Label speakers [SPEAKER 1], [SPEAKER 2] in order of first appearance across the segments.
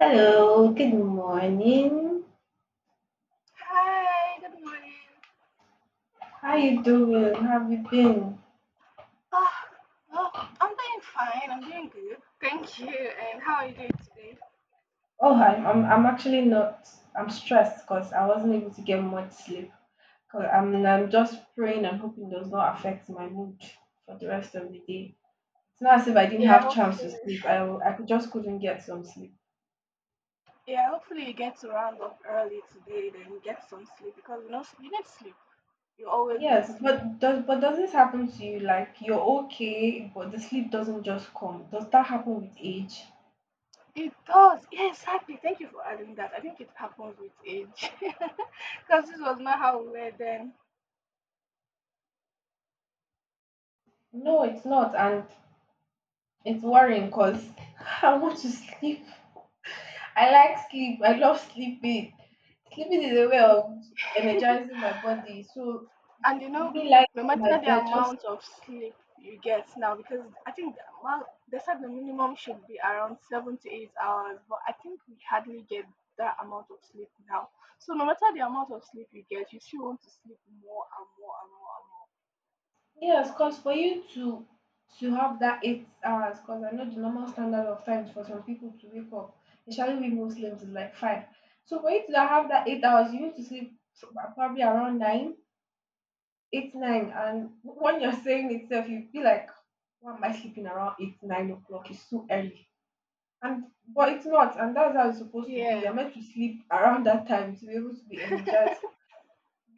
[SPEAKER 1] Hello, good morning. How you doing? How have you been? Oh, I'm actually not. I'm stressed because I wasn't able to get much sleep. 'Cause I'm just praying and hoping it does not affect my mood for the rest of the day. It's not as if I didn't have chance to sleep. I could just couldn't get some sleep. Yes, but does this happen to you? Like you're okay, but the sleep doesn't just come. Does that happen with age? No, it's not, and it's worrying because I want to sleep. I like sleep. I love sleeping. Sleeping is a way of energizing my body. So me lying on my bed just yes, cause for you to have that 8 hours, cause I know the normal standard of times for some people to wake up, especially we Muslims is like five. So for you to have that 8 hours, you need to sleep probably around nine, eight nine, and when you're saying itself, you feel like why am I sleeping around eight nine o'clock? It's too early. And but it's not, and that's how it's supposed to be. You're meant to sleep around that time to be able to be energized.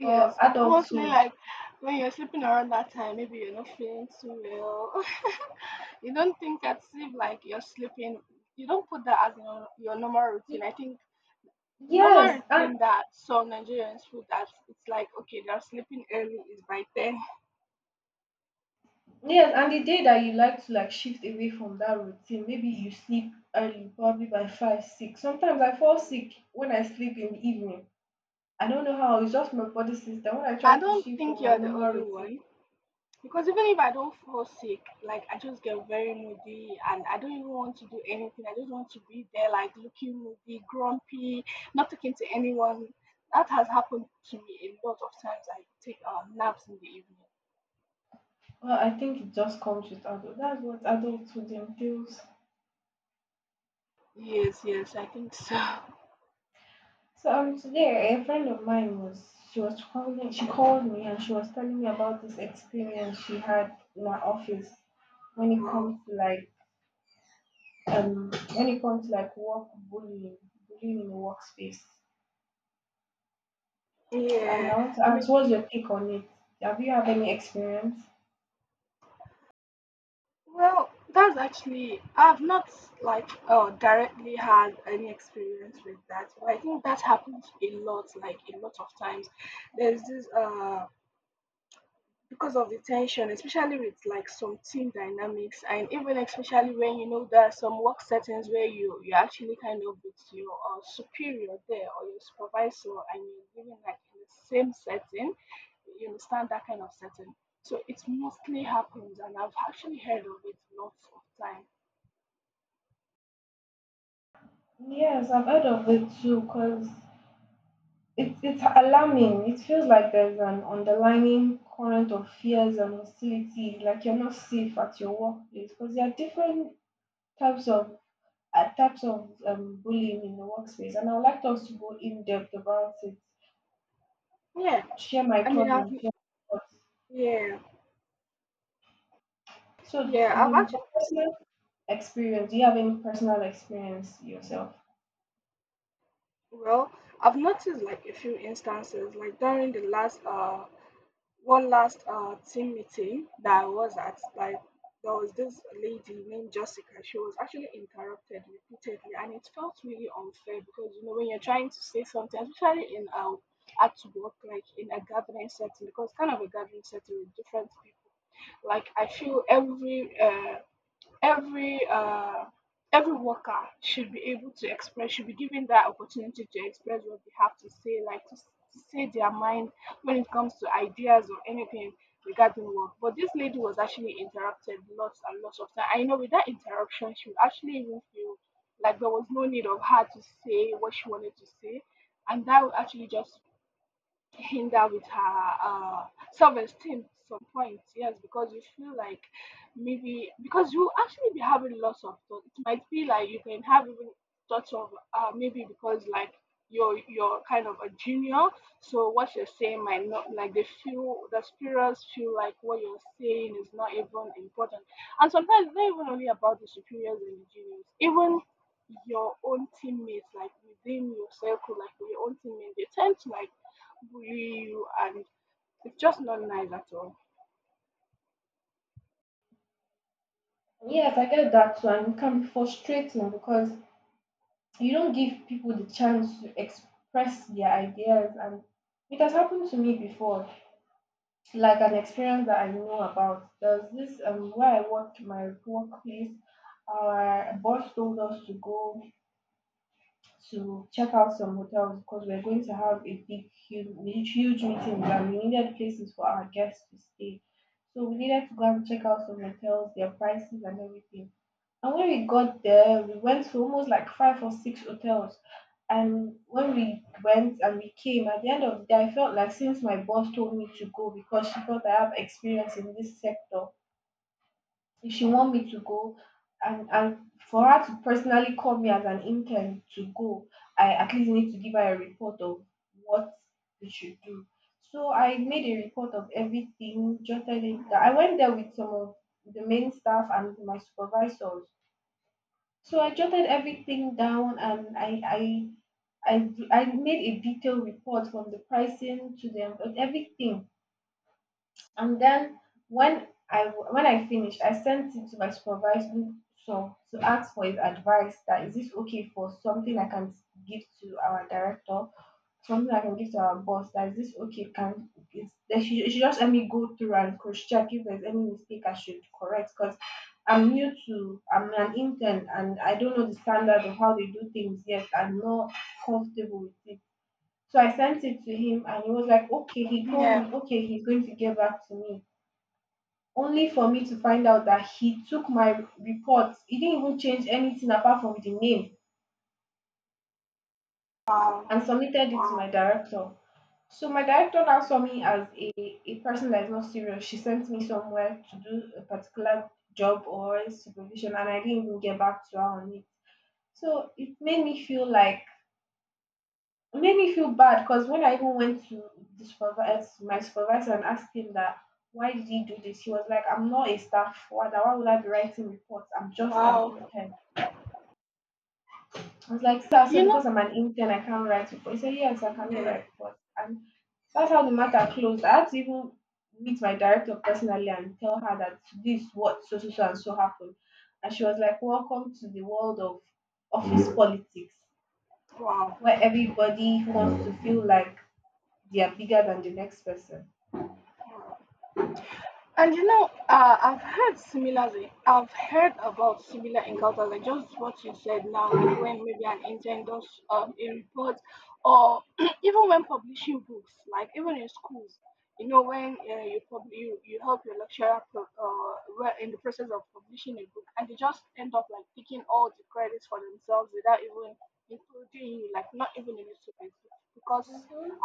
[SPEAKER 1] But adulthood, y- yes, and yes, and the day that you like to like shift away from that routine, maybe you sleep early, probably by five, six. Sometimes I fall sick when I sleep in the evening. I don't know how. It's just my body system. When I try to shift from my normal routine, well, I think it just comes with adult. That's what adulthood entails. So today a friend of mine was she was calling she called me and she was telling me about this experience she had in her office when it comes to like when it comes to like work bullying in the workspace. And I want to ask, what's your take on it? Have you had any experience? Yes, I've heard of it too because it's alarming. It feels like there's an underlying current of fears and hostility, like you're not safe at your workplace because there are different types of types of bullying in the workspace, and I would like us to go in depth about it, share my thoughts. So, for personal experience, do you have any personal experience yourself? Yes, I get that too, and it can be frustrating because you don't give people the chance to express their ideas, and it has happened to me before. Like an experience that I know about. There's this where I worked, my workplace. Our boss told us to go to check out some hotels because we're going to have a big, huge, huge meeting and we needed places for our guests to stay. So we needed to go and check out some hotels, their prices, and everything. And when we got there, we went to almost like five or six hotels. And when we went and we came, at the end of the day, I felt like since my boss told me to go because she thought I have experience in this sector, if she want me to go and for her to personally call me as an intern to go, I at least need to give her a report of what we should do. So I made a report of everything, jotted it down. I went there with some of the main staff and my supervisors. So I jotted everything down, and I made a detailed report from the pricing to them everything. And then when I when I finished, I sent it to my supervisor, so to ask for his advice that is this okay for something I can give to our director, something I can give to our boss, that is this okay can is they should just let me go through and cross check if there's any mistake I should correct because I'm new to I'm an intern and I don't know the standard of how they do things yet. I'm not comfortable with it. So I sent it to him and he was like, okay, he told me, okay, he's going to get back to me, only for me to find out that he took my report, he didn't even change anything apart from the name, and submitted it to my director. So my director now saw me as a person that is not serious. She sent me somewhere to do a particular job or supervision and I didn't even get back to her on it. So it made me feel bad because when I even went to the supervisor my supervisor and asked him that why did he do this, he was like, I'm not a staff, why would I be writing reports, I'm just an intern. I was like, sir, so because I'm an intern, I can't write report. He said, yes, I cannot write report. And that's how the matter closed. I had to even meet my director personally and tell her that this what so so so and so happened. And she was like, welcome to the world of office politics, where everybody wants to feel like they are bigger than the next person. Mm-hmm.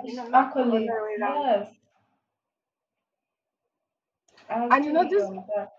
[SPEAKER 1] It's accolades, yes. I agree on that.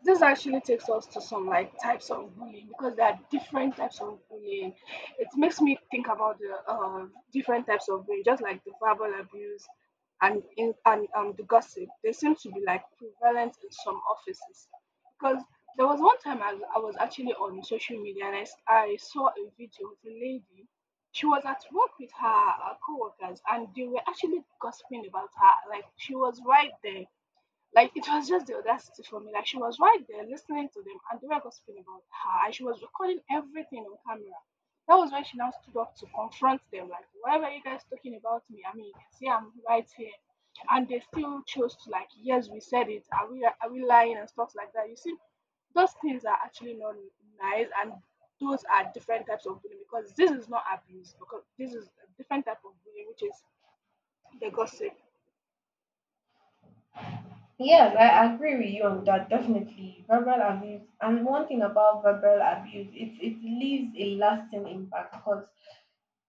[SPEAKER 1] Yes, I agree with you on that. Definitely, verbal abuse. And one thing about verbal abuse, it leaves a lasting impact because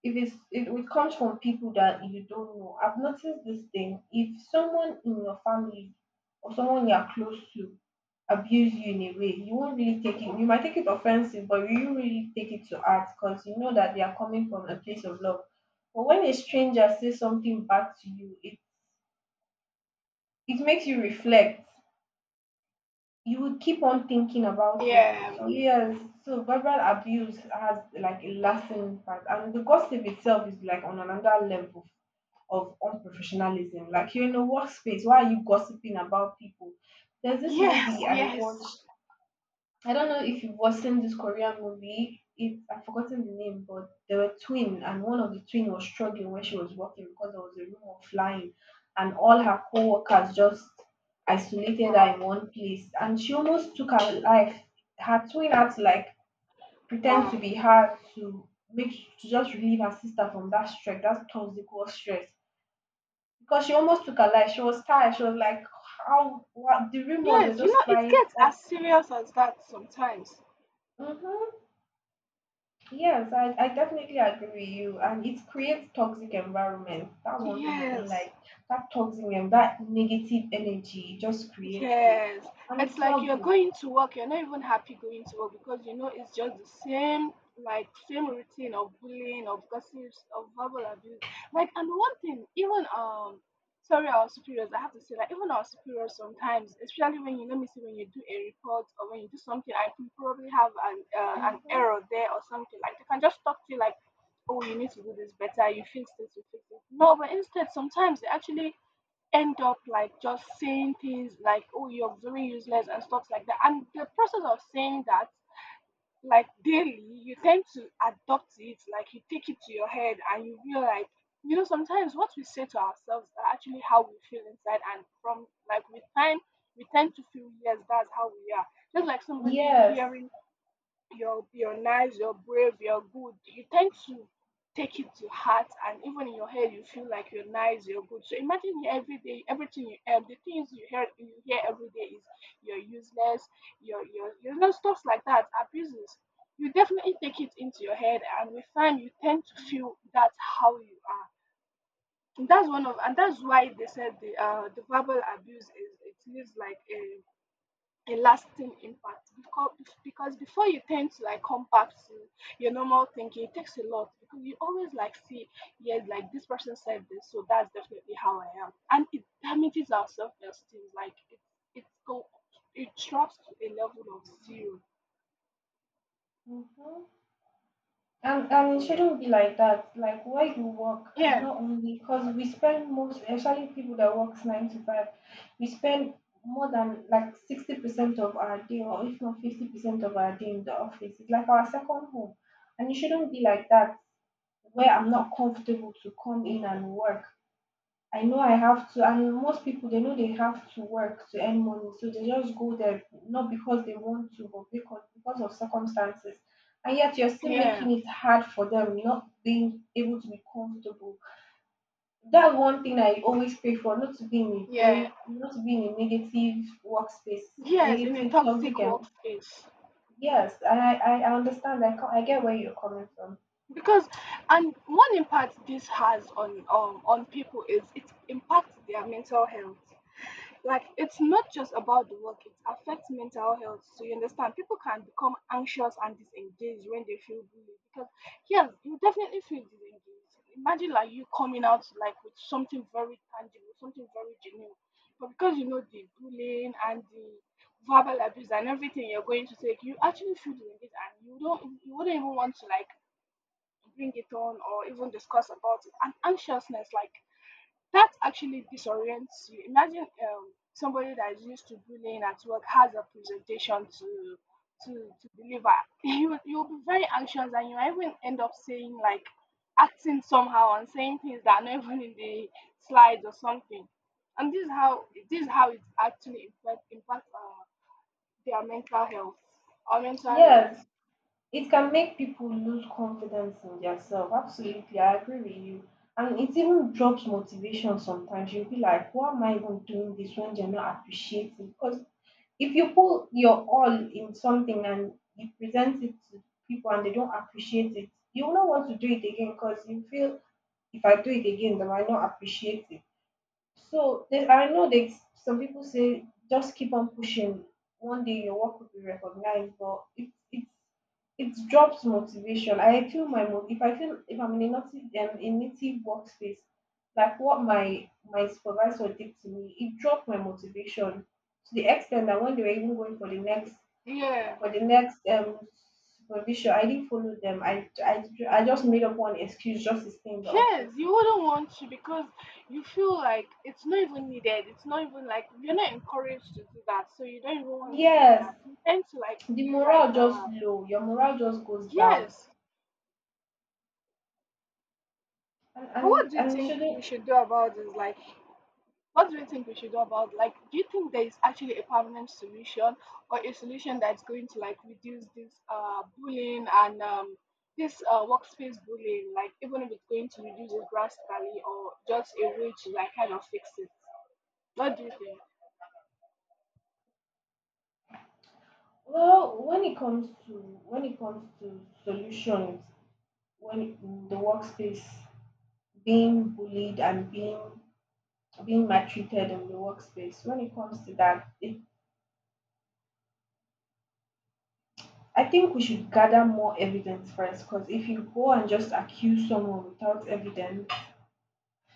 [SPEAKER 1] if it's it comes from people that you don't know. I've noticed this thing. If someone in your family or someone you are close to abuse you in a way, you won't really take it. You might take it offensive, but you won't really take it to heart because you know that they are coming from a place of love. But when a stranger says something back to you, it makes you reflect. You would keep on thinking about it. So yes, so verbal abuse has like a lasting impact, and the gossip itself is like on another level of unprofessionalism. Like you're in a workspace, why are you gossiping about people? There's this movie I watched. I don't know if you've watched this Korean movie. I've forgotten the name, but they were twin, and one of the twin was struggling when she was working because there was a rumor of flying, and all her co-workers just isolated her in one place, and she almost took her life. Her twin had to like pretend to be her to just relieve her sister from that stress, that toxic work stress, because she almost took her life. She was tired. She was like, how? What? The rumors were just flying up. Hmm. Yes, I definitely agree with you. And it creates toxic environment. That's one thing I don't like. That toxic and that negative energy, it just creates it. And it's not good. Hmm. Yes. Hmm. And it shouldn't be like that. Like where you work, not only because we spend most, especially people that works nine to five, we spend more than like 60% of our day, or if not 50% of our day in the office. It's like our second home, and it shouldn't be like that where I'm not comfortable to come in and work. I know I have to, and most people they know they have to work to earn money, so they just go there, not because they want to, but because of circumstances. And yet you're still making it hard for them, not being able to be comfortable. That's one thing I always pray for, not to be in a very not to be in a negative workspace, a negative toxic, and yes, I understand. I get where you're coming from, yes. It can make people lose confidence in themselves. Absolutely, I agree with you. And it even drops motivation sometimes. You'll be like, why am I even doing this when they're not appreciating? Because if you put your all in something and you present it to people and they don't appreciate it, you will not want to do it again because you feel if I do it again, they might not appreciate it. So I know that some people say just keep on pushing. One day your work will be recognized, but it drops motivation. I feel my mo- if I feel if I'm in a native, a native workspace, like what my supervisor did to me, it dropped my motivation to the extent that when they were even going for the next, for the next supervision, I didn't follow them. I just made up one excuse just to stay in the office. Yes, the morale just low, your morale just goes down and it shouldn't. Well, when it comes to, when it comes to solutions, in the workspace being bullied and being maltreated in the workspace, when it comes to that, it, I think we should gather more evidence first, because if you go and just accuse someone without evidence,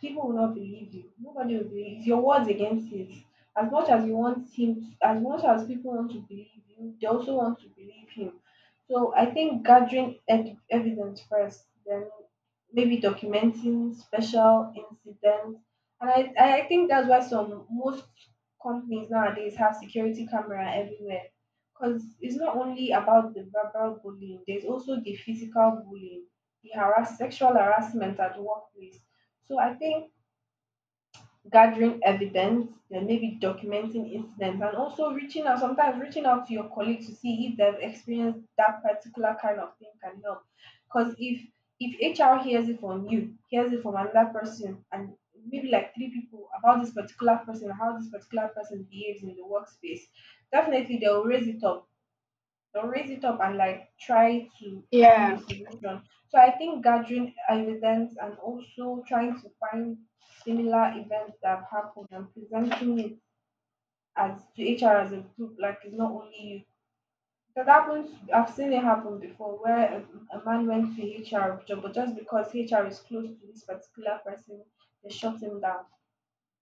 [SPEAKER 1] people will not believe you. Nobody will believe you. It's your words against it. As much as you want him, as much as people want to believe you, they also want to believe him. So I think gathering evidence first, then maybe documenting special incidents, and I think that's why some, most companies nowadays have security camera everywhere, because it's not only about the verbal bullying. There's also the physical bullying, the harass, sexual harassment at workplace. So I think gathering evidence, then maybe documenting incidents, and also reaching out, sometimes reaching out to your colleagues to see if they've experienced that particular kind of thing can help. Because if HR hears it from you, hears it from another person, and maybe like three people about this particular person, how this particular person behaves in the workspace, definitely they'll raise it up, or raise it up and like try to find a solution. So I think gathering evidence and also trying to find similar events that have happened and presenting it as to HR as a group, like it's not only you. That happens. I've seen it happen before, where a man went to HR job, but just because HR is close to this particular person, they shut him down.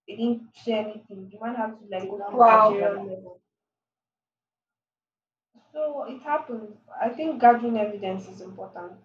[SPEAKER 1] They didn't say anything. The man had to like go to managerial
[SPEAKER 2] Wow.
[SPEAKER 1] level. So it happens. I think gathering evidence is important.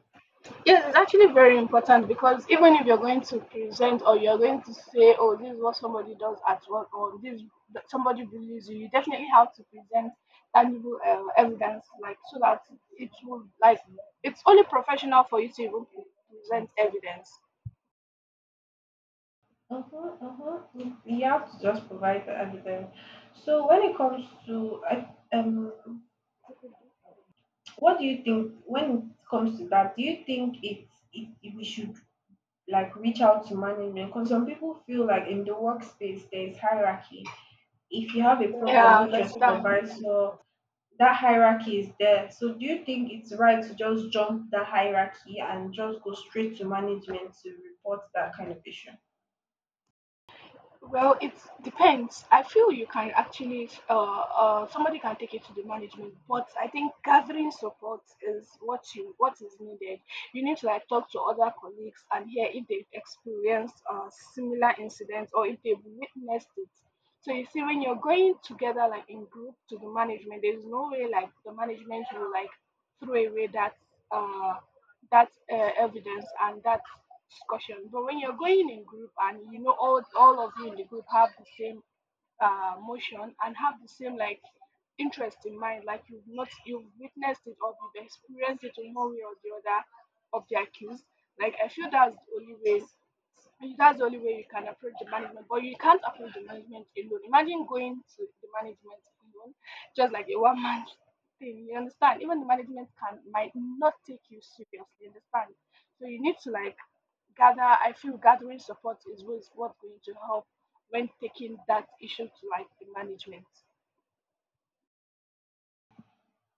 [SPEAKER 1] Mhm, mhm. You have to just provide the evidence. So when it comes to, what do you think when it comes to that? Do you think it, we should like reach out to management? Because some people feel like in the workspace there is hierarchy. If you have a problem, meet your supervisor. That hierarchy is there. So do you think it's right to just jump the hierarchy and just go straight to management to report that kind of issue?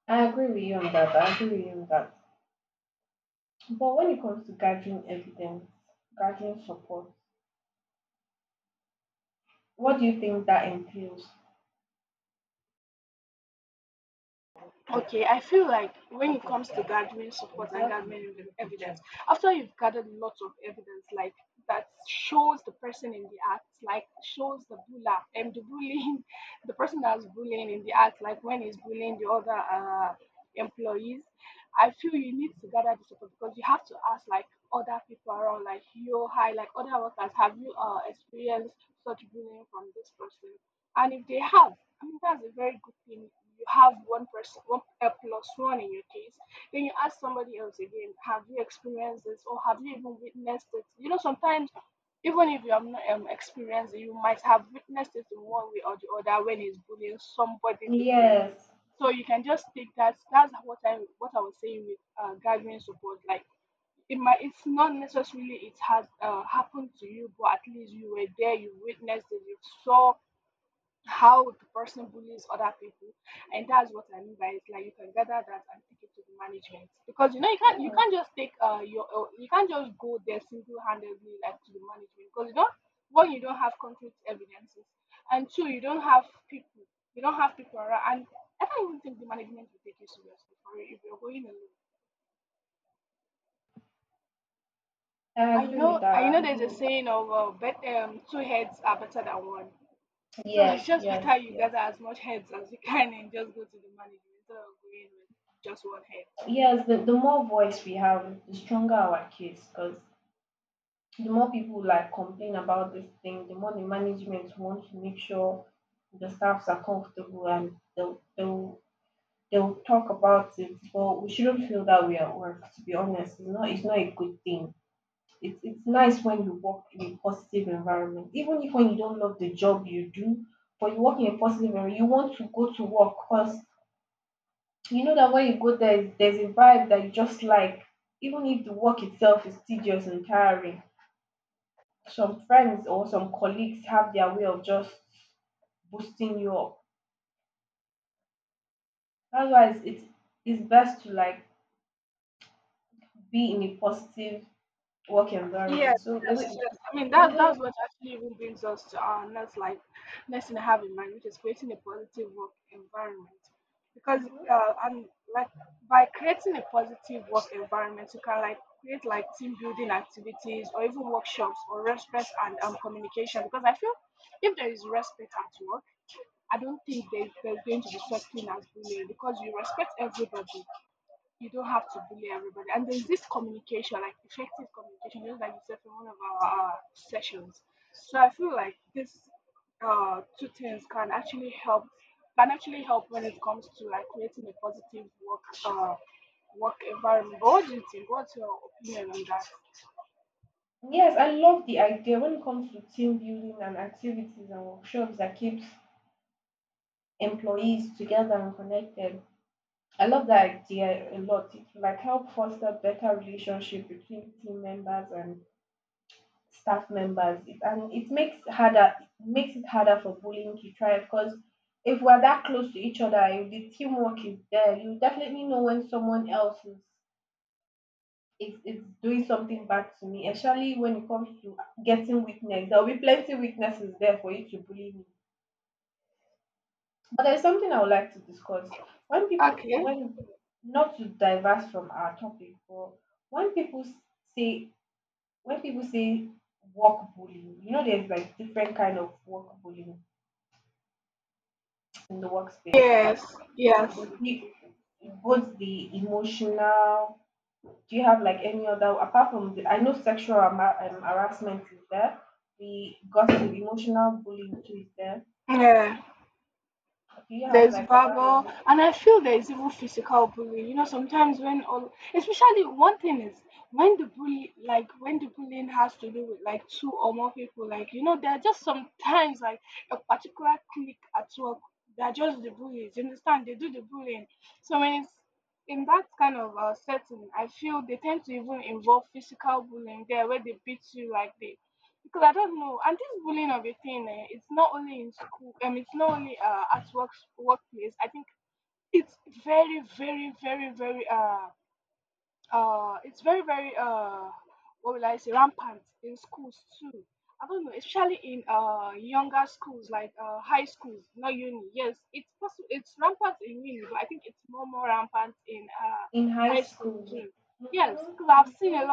[SPEAKER 1] I agree with you on that. I agree with you on that. But when it comes to gathering evidence, gathering support, what do you think that entails? Yes. Oh, I agree with that. I agree with that. Yes, yes, yes. Yes, the more voice we have, the stronger our case, because the more people like complain about this thing, the more the management wants to make sure the staffs are comfortable, and they'll talk about it. But we shouldn't feel that way at work, to be honest. It's, not, it's not a good thing. It's nice when you work in a positive environment, even if when you don't love the job you do, but you work in a positive environment, you want to go to work, because you know that when you go there there's a vibe that you just like, even if the work itself is tedious and tiring, some friends or some colleagues have their way of just boosting you up. That's why it's best to like be in a positive work environment. So like, we, Mhm. Yes, I love the idea when it comes to team building and activities and workshops that keeps employees together and connected. I love that idea a lot. It like help foster better relationship between team members and staff members. It, and it makes harder, it makes it harder for bullying to thrive, because if we're that close to each other, if the teamwork is there, you definitely know when someone else is, it's doing something bad to me, especially when it comes to getting weakness. There'll be plenty weaknesses there for you to bully me. But there's something I would like to discuss. When people when, not to diverse from our topic, but when people say when people say work bullying, you know there's like different kind of work bullying in the workspace. Like you- both the emotional. Do you have like any other? Apart from the, I know sexual harassment is there, the gossip, emotional bullying too is there. Do you have like other ones in high school? We, mm-hmm, mm-hmm.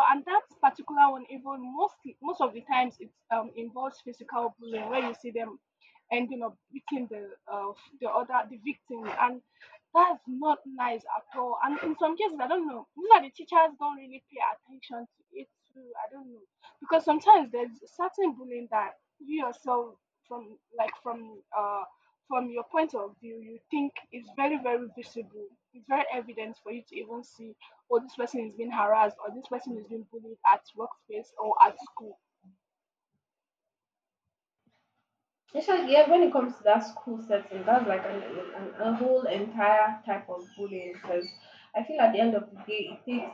[SPEAKER 1] Especially yeah, when it comes to that school setting, that's like a whole entire type of bullying, because I feel at the end of the day, it takes,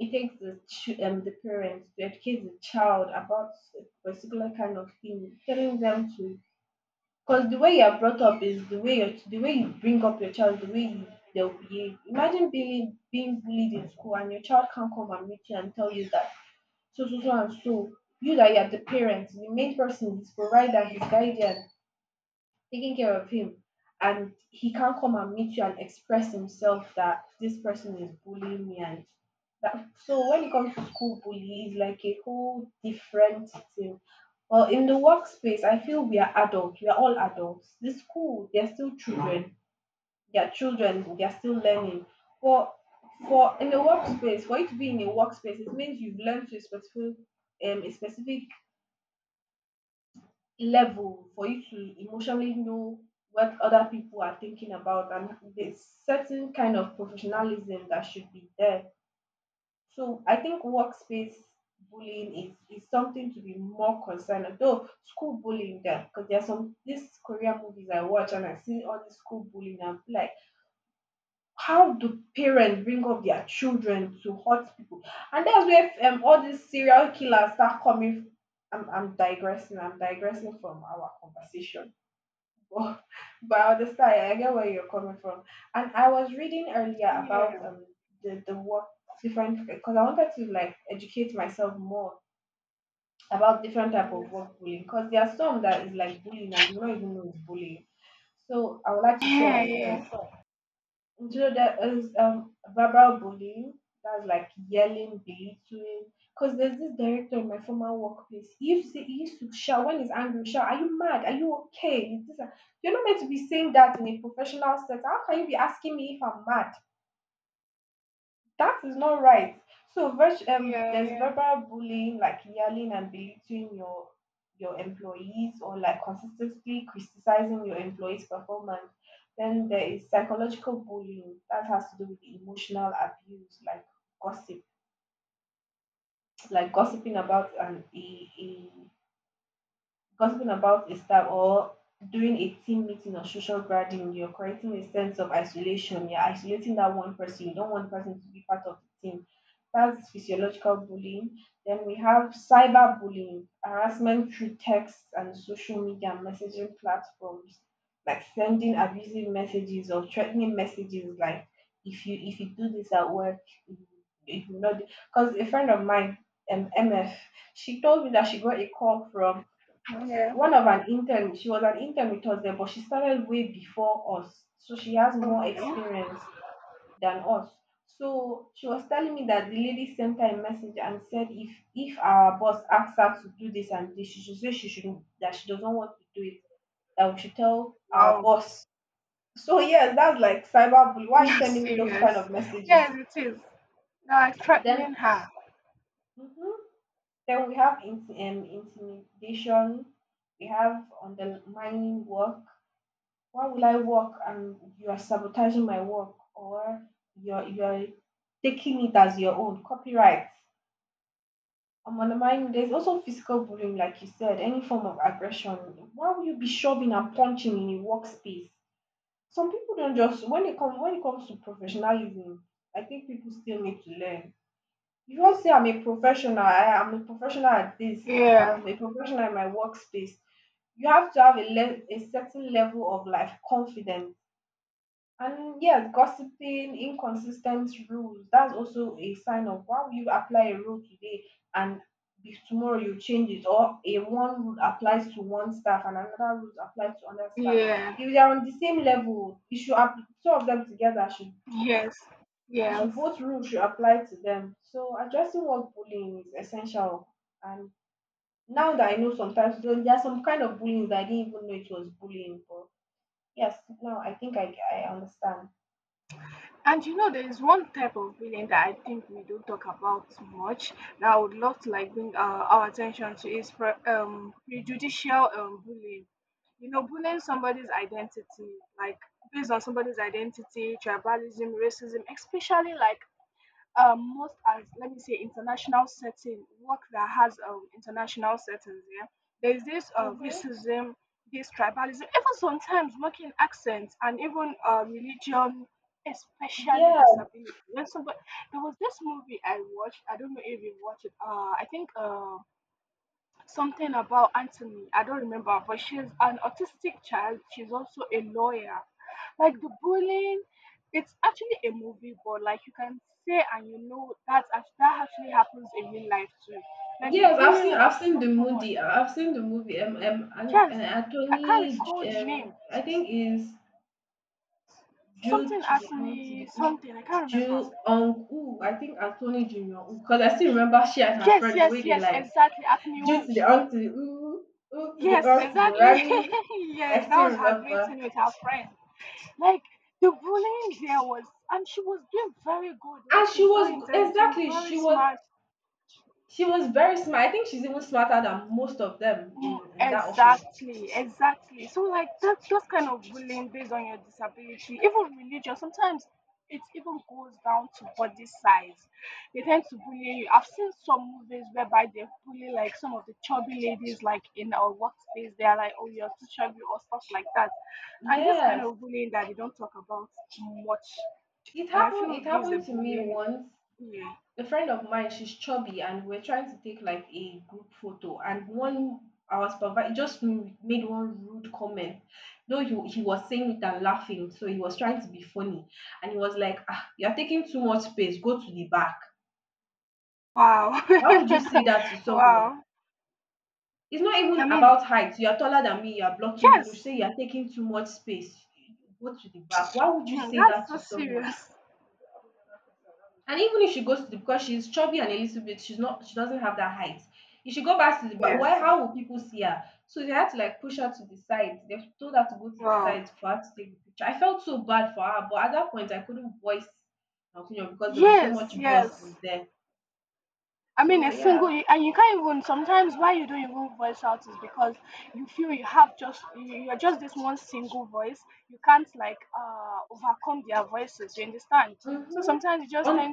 [SPEAKER 1] it takes the parents to educate the child about a particular kind of thing, telling them to. Because the way you are brought up is the way you, the way you bring up your child, the way you, they'll behave. Imagine being bullied in school and your child can't come and meet you and tell you that so so and so. You, that you are the parent, the main person, his provider, his guardian, taking care of him, and he can't come and meet you and express himself that this person is bullying me and that. So when it comes to school bully, it's like a whole different thing. Well, in the workspace I feel we are adults, we are all adults. The school, they're still children, they're children, they're still learning. But for in the workspace, for you to be in a workspace, it means you've learned to a specific level for you to emotionally know what other people are thinking about, and there's certain kind of professionalism that should be there. So I think workspace bullying is something to be more concerned about. Though school bullying there, because there are some these Korean movies I watch and I see all this school bullying and I'm like, how do parents bring up their children to hurt people? And that's where all these serial killers start coming. I'm digressing. I'm digressing from our conversation. Well, but I understand. I get where you're coming from. And I was reading earlier about the work different, because I wanted to like educate myself more about different type of work bullying, because there are some that is like bullying and you don't even know it's bullying. So I would like to share it with you. Do you know there is verbal bullying? That's like yelling, belittling. Because there's this director in my former workplace. He used to shout when he's angry. Shout, "Are you mad? Are you okay? Is this a-" You're not meant to be saying that in a professional setting. How can you be asking me if I'm mad? That is not right. So there's verbal bullying, like yelling and belittling your employees, or like consistently criticizing your employees' performance. Then there is psychological bullying. That has to do with emotional abuse, like gossip, like gossiping about a gossiping about a staff, or during a team meeting or social gathering, you're creating a sense of isolation. You're isolating that one person. You don't want the person to be part of the team. That's physiological bullying. Then we have cyberbullying, harassment through text and social media and messaging platforms, like sending abusive messages or threatening messages like, if you do this at work, if you, if you not. Because a friend of mine, MF, she told me that she got a call from one of an intern. She was an intern with us then, but she started way before us, so she has more experience than us. So she was telling me that the lady sent her a message and said, if our boss asks her to do this and this, she should say she shouldn't, that she doesn't want to do it, that we should tell our boss. So yes, that's like cyber. Why are you sending me those kind of messages? Then, mhm. Then we have intimidation, we have undermining work. Why will I work and you are sabotaging my work, or you're taking it as your own copyright? I'm on the mind, there's also physical bullying, like you said, any form of aggression. Why will you be shoving and punching in your workspace? Some people don't just, when it come when it comes to professionalism, I think people still need to learn. You do say I'm a professional, I am a professional at this, I'm a professional in my workspace. You have to have a, a certain level of life confidence. And yeah, gossiping, inconsistent rules. That's also a sign of, why would you apply a rule today and tomorrow you change it, or a one rule applies to one staff and another rule applies to another staff. If they are on the same level, two of them together should it should both rules should apply to them. So addressing what bullying is essential. And now that I know, sometimes there are some kind of bullying that I didn't even know it was bullying. But yes, now I think I understand. Mm-hmm. Yeah. Yes, I've seen the movie. I've seen the movie. Anthony I think is Jew to the on to the U, Jew on U. I think Anthony Junior. Because I still remember she and her friend the way they like Jew to the on to the U, U to the on to the Rami. I still remember, and exactly she was very smart. I think she's even smarter than most of them in that office. Yes, it happened. It happened to me once. A friend of mine, she's chubby, and we're trying to take like a group photo, and one our supervisor just made one rude comment. Though he was saying it and laughing, so he was trying to be funny, and he was like, ah, you're taking too much space, go to the back. Why would you say that to someone? It's not even about height, you're taller than me, you're blocking me. No. You say you're taking too much space, go to the back. Why would you say that to someone? And even if she goes to the, because she's chubby and a little bit, she doesn't have that height. If she go back to the, but why, how will people see her? So they had to like push her to the side. They told her to go to the side for her to take the picture. I felt so bad for her, but at that point I couldn't voice my opinion because there was so much bosses there. So yeah. Mm-hmm.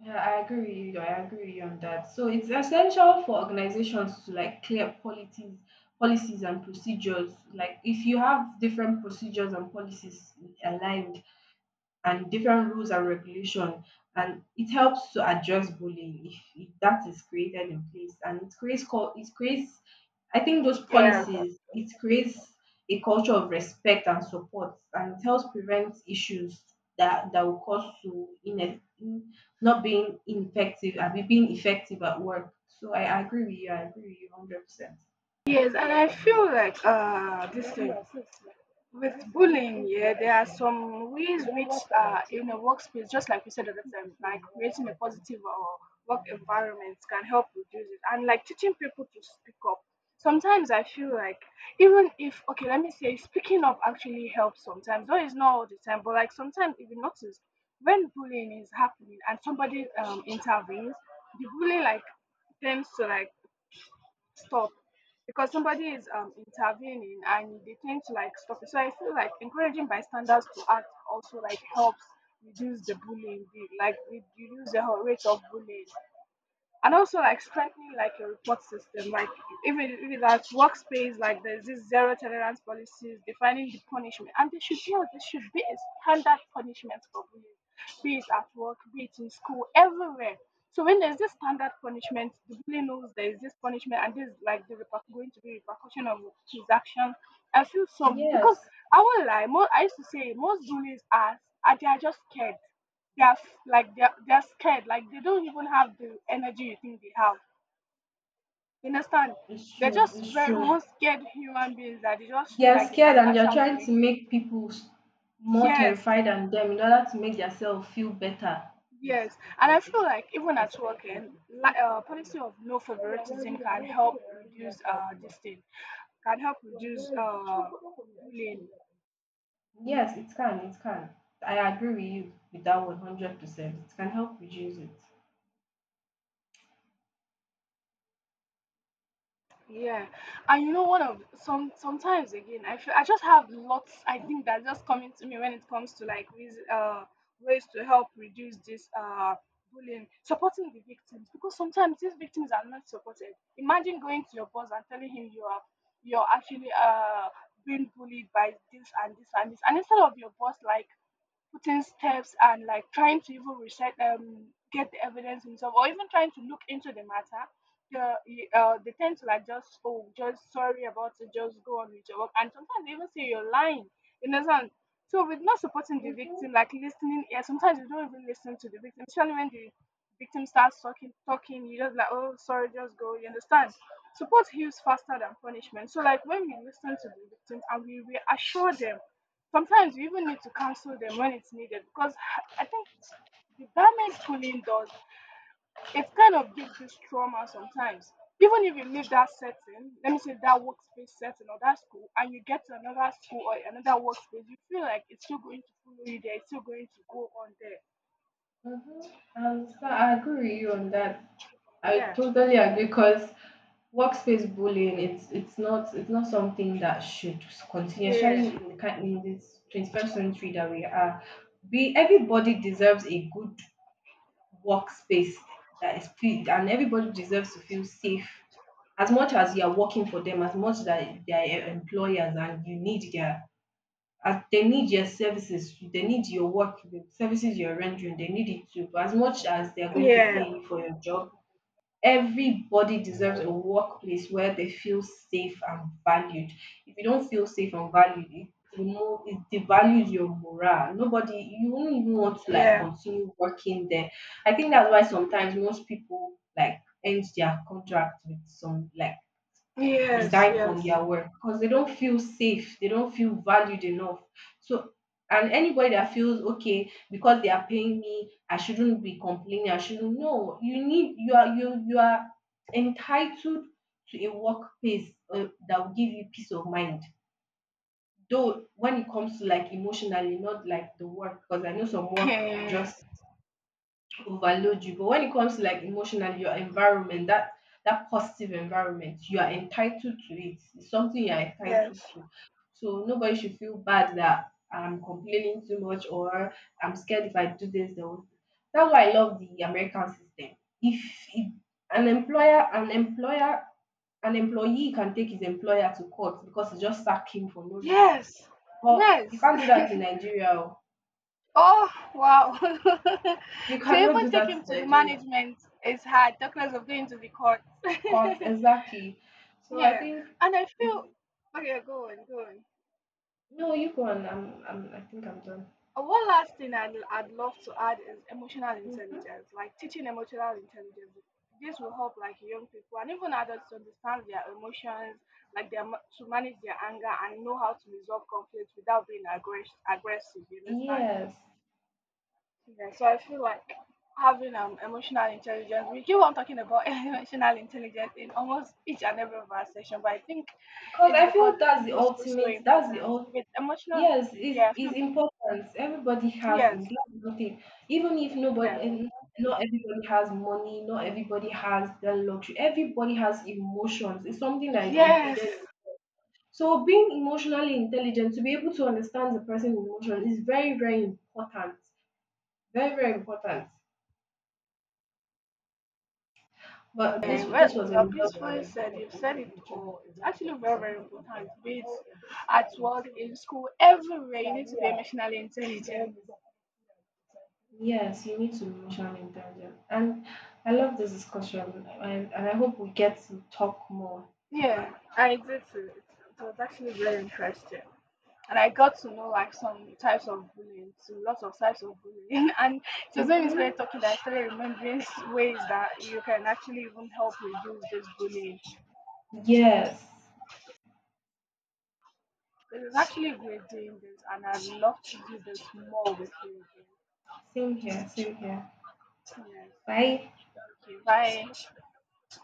[SPEAKER 1] Yeah, I agree with you. I agree with you on that. So it's essential for organizations to like clear policies, policies and procedures. Like if you have different procedures and policies aligned, and different rules and regulation, and it helps to address bullying if that is created in place, and it creates, I think those policies, it creates a culture of respect and support, and it helps prevent issues that will cause to in not being effective and being effective at work. So I agree with you, I agree with you 100%. Yes, it's true. They are scared and they are trying to make more terrified than them in order to make themselves feel better. Yes, it can. It can. I agree with you with that 100%. It can help reduce it. Mhm. Mhm. I understand. I agree with you on that. I
[SPEAKER 2] Yeah.
[SPEAKER 1] totally agree, because workspace bullying, it's not something that should continue,
[SPEAKER 2] Yeah.
[SPEAKER 1] especially in the kind in this 21st century that we are. Be Everybody deserves a good workspace that is feel, and everybody deserves to feel safe. As much as you are working for them, as much that they are employers and you need their, as they need your services, they need your work, the services you're rendering, they need it too. But as much as they're going to pay
[SPEAKER 2] Yeah.
[SPEAKER 1] you for your job, everybody deserves a workplace where they feel safe and valued. If you don't feel safe and valued, it remove it devalues your morale. Nobody, you won't even want to like
[SPEAKER 2] Yeah.
[SPEAKER 1] continue working there. I think that's why sometimes most people like end their contract with some, like,
[SPEAKER 2] Yeah.
[SPEAKER 1] resign from their work because they don't feel safe, they don't feel valued enough. So, and anybody that feels okay because they are paying me, I shouldn't be complaining. I shouldn't. No, you need, you are entitled to a workplace that will give you peace of mind. Though when it comes to like emotionally, not like the work, because I know some work will just overload you. But when it comes to like emotionally, your environment, that positive environment, you are entitled to it. It's something you are entitled to. So nobody should feel bad that I'm complaining too much, or I'm scared if I do this, they will... That's why I love the American system. If, if an employer, an employer, an employee can take his employer to court because he just sacked him for no reason. But you can't do that in Nigeria. Oh. You cannot do that in Nigeria. Cut exactly. So I think it's, no, you go on. I think I'm done. Mhm. Yes, because I feel that's the ultimate. That's the ul. Yes, is important. Everybody has it. That's the thing. Even if nobody, and not everybody has money. Not everybody has the luxury. Everybody has emotions. It's something that is imputed. So being emotionally intelligent to be able to understand the person's emotion is very very important. Very very important. But this was a result. Yes, you need to be emotionally intelligent, and I love this discussion, and, I hope we get to talk more. Hmm. Yes, same here, same here. Bye.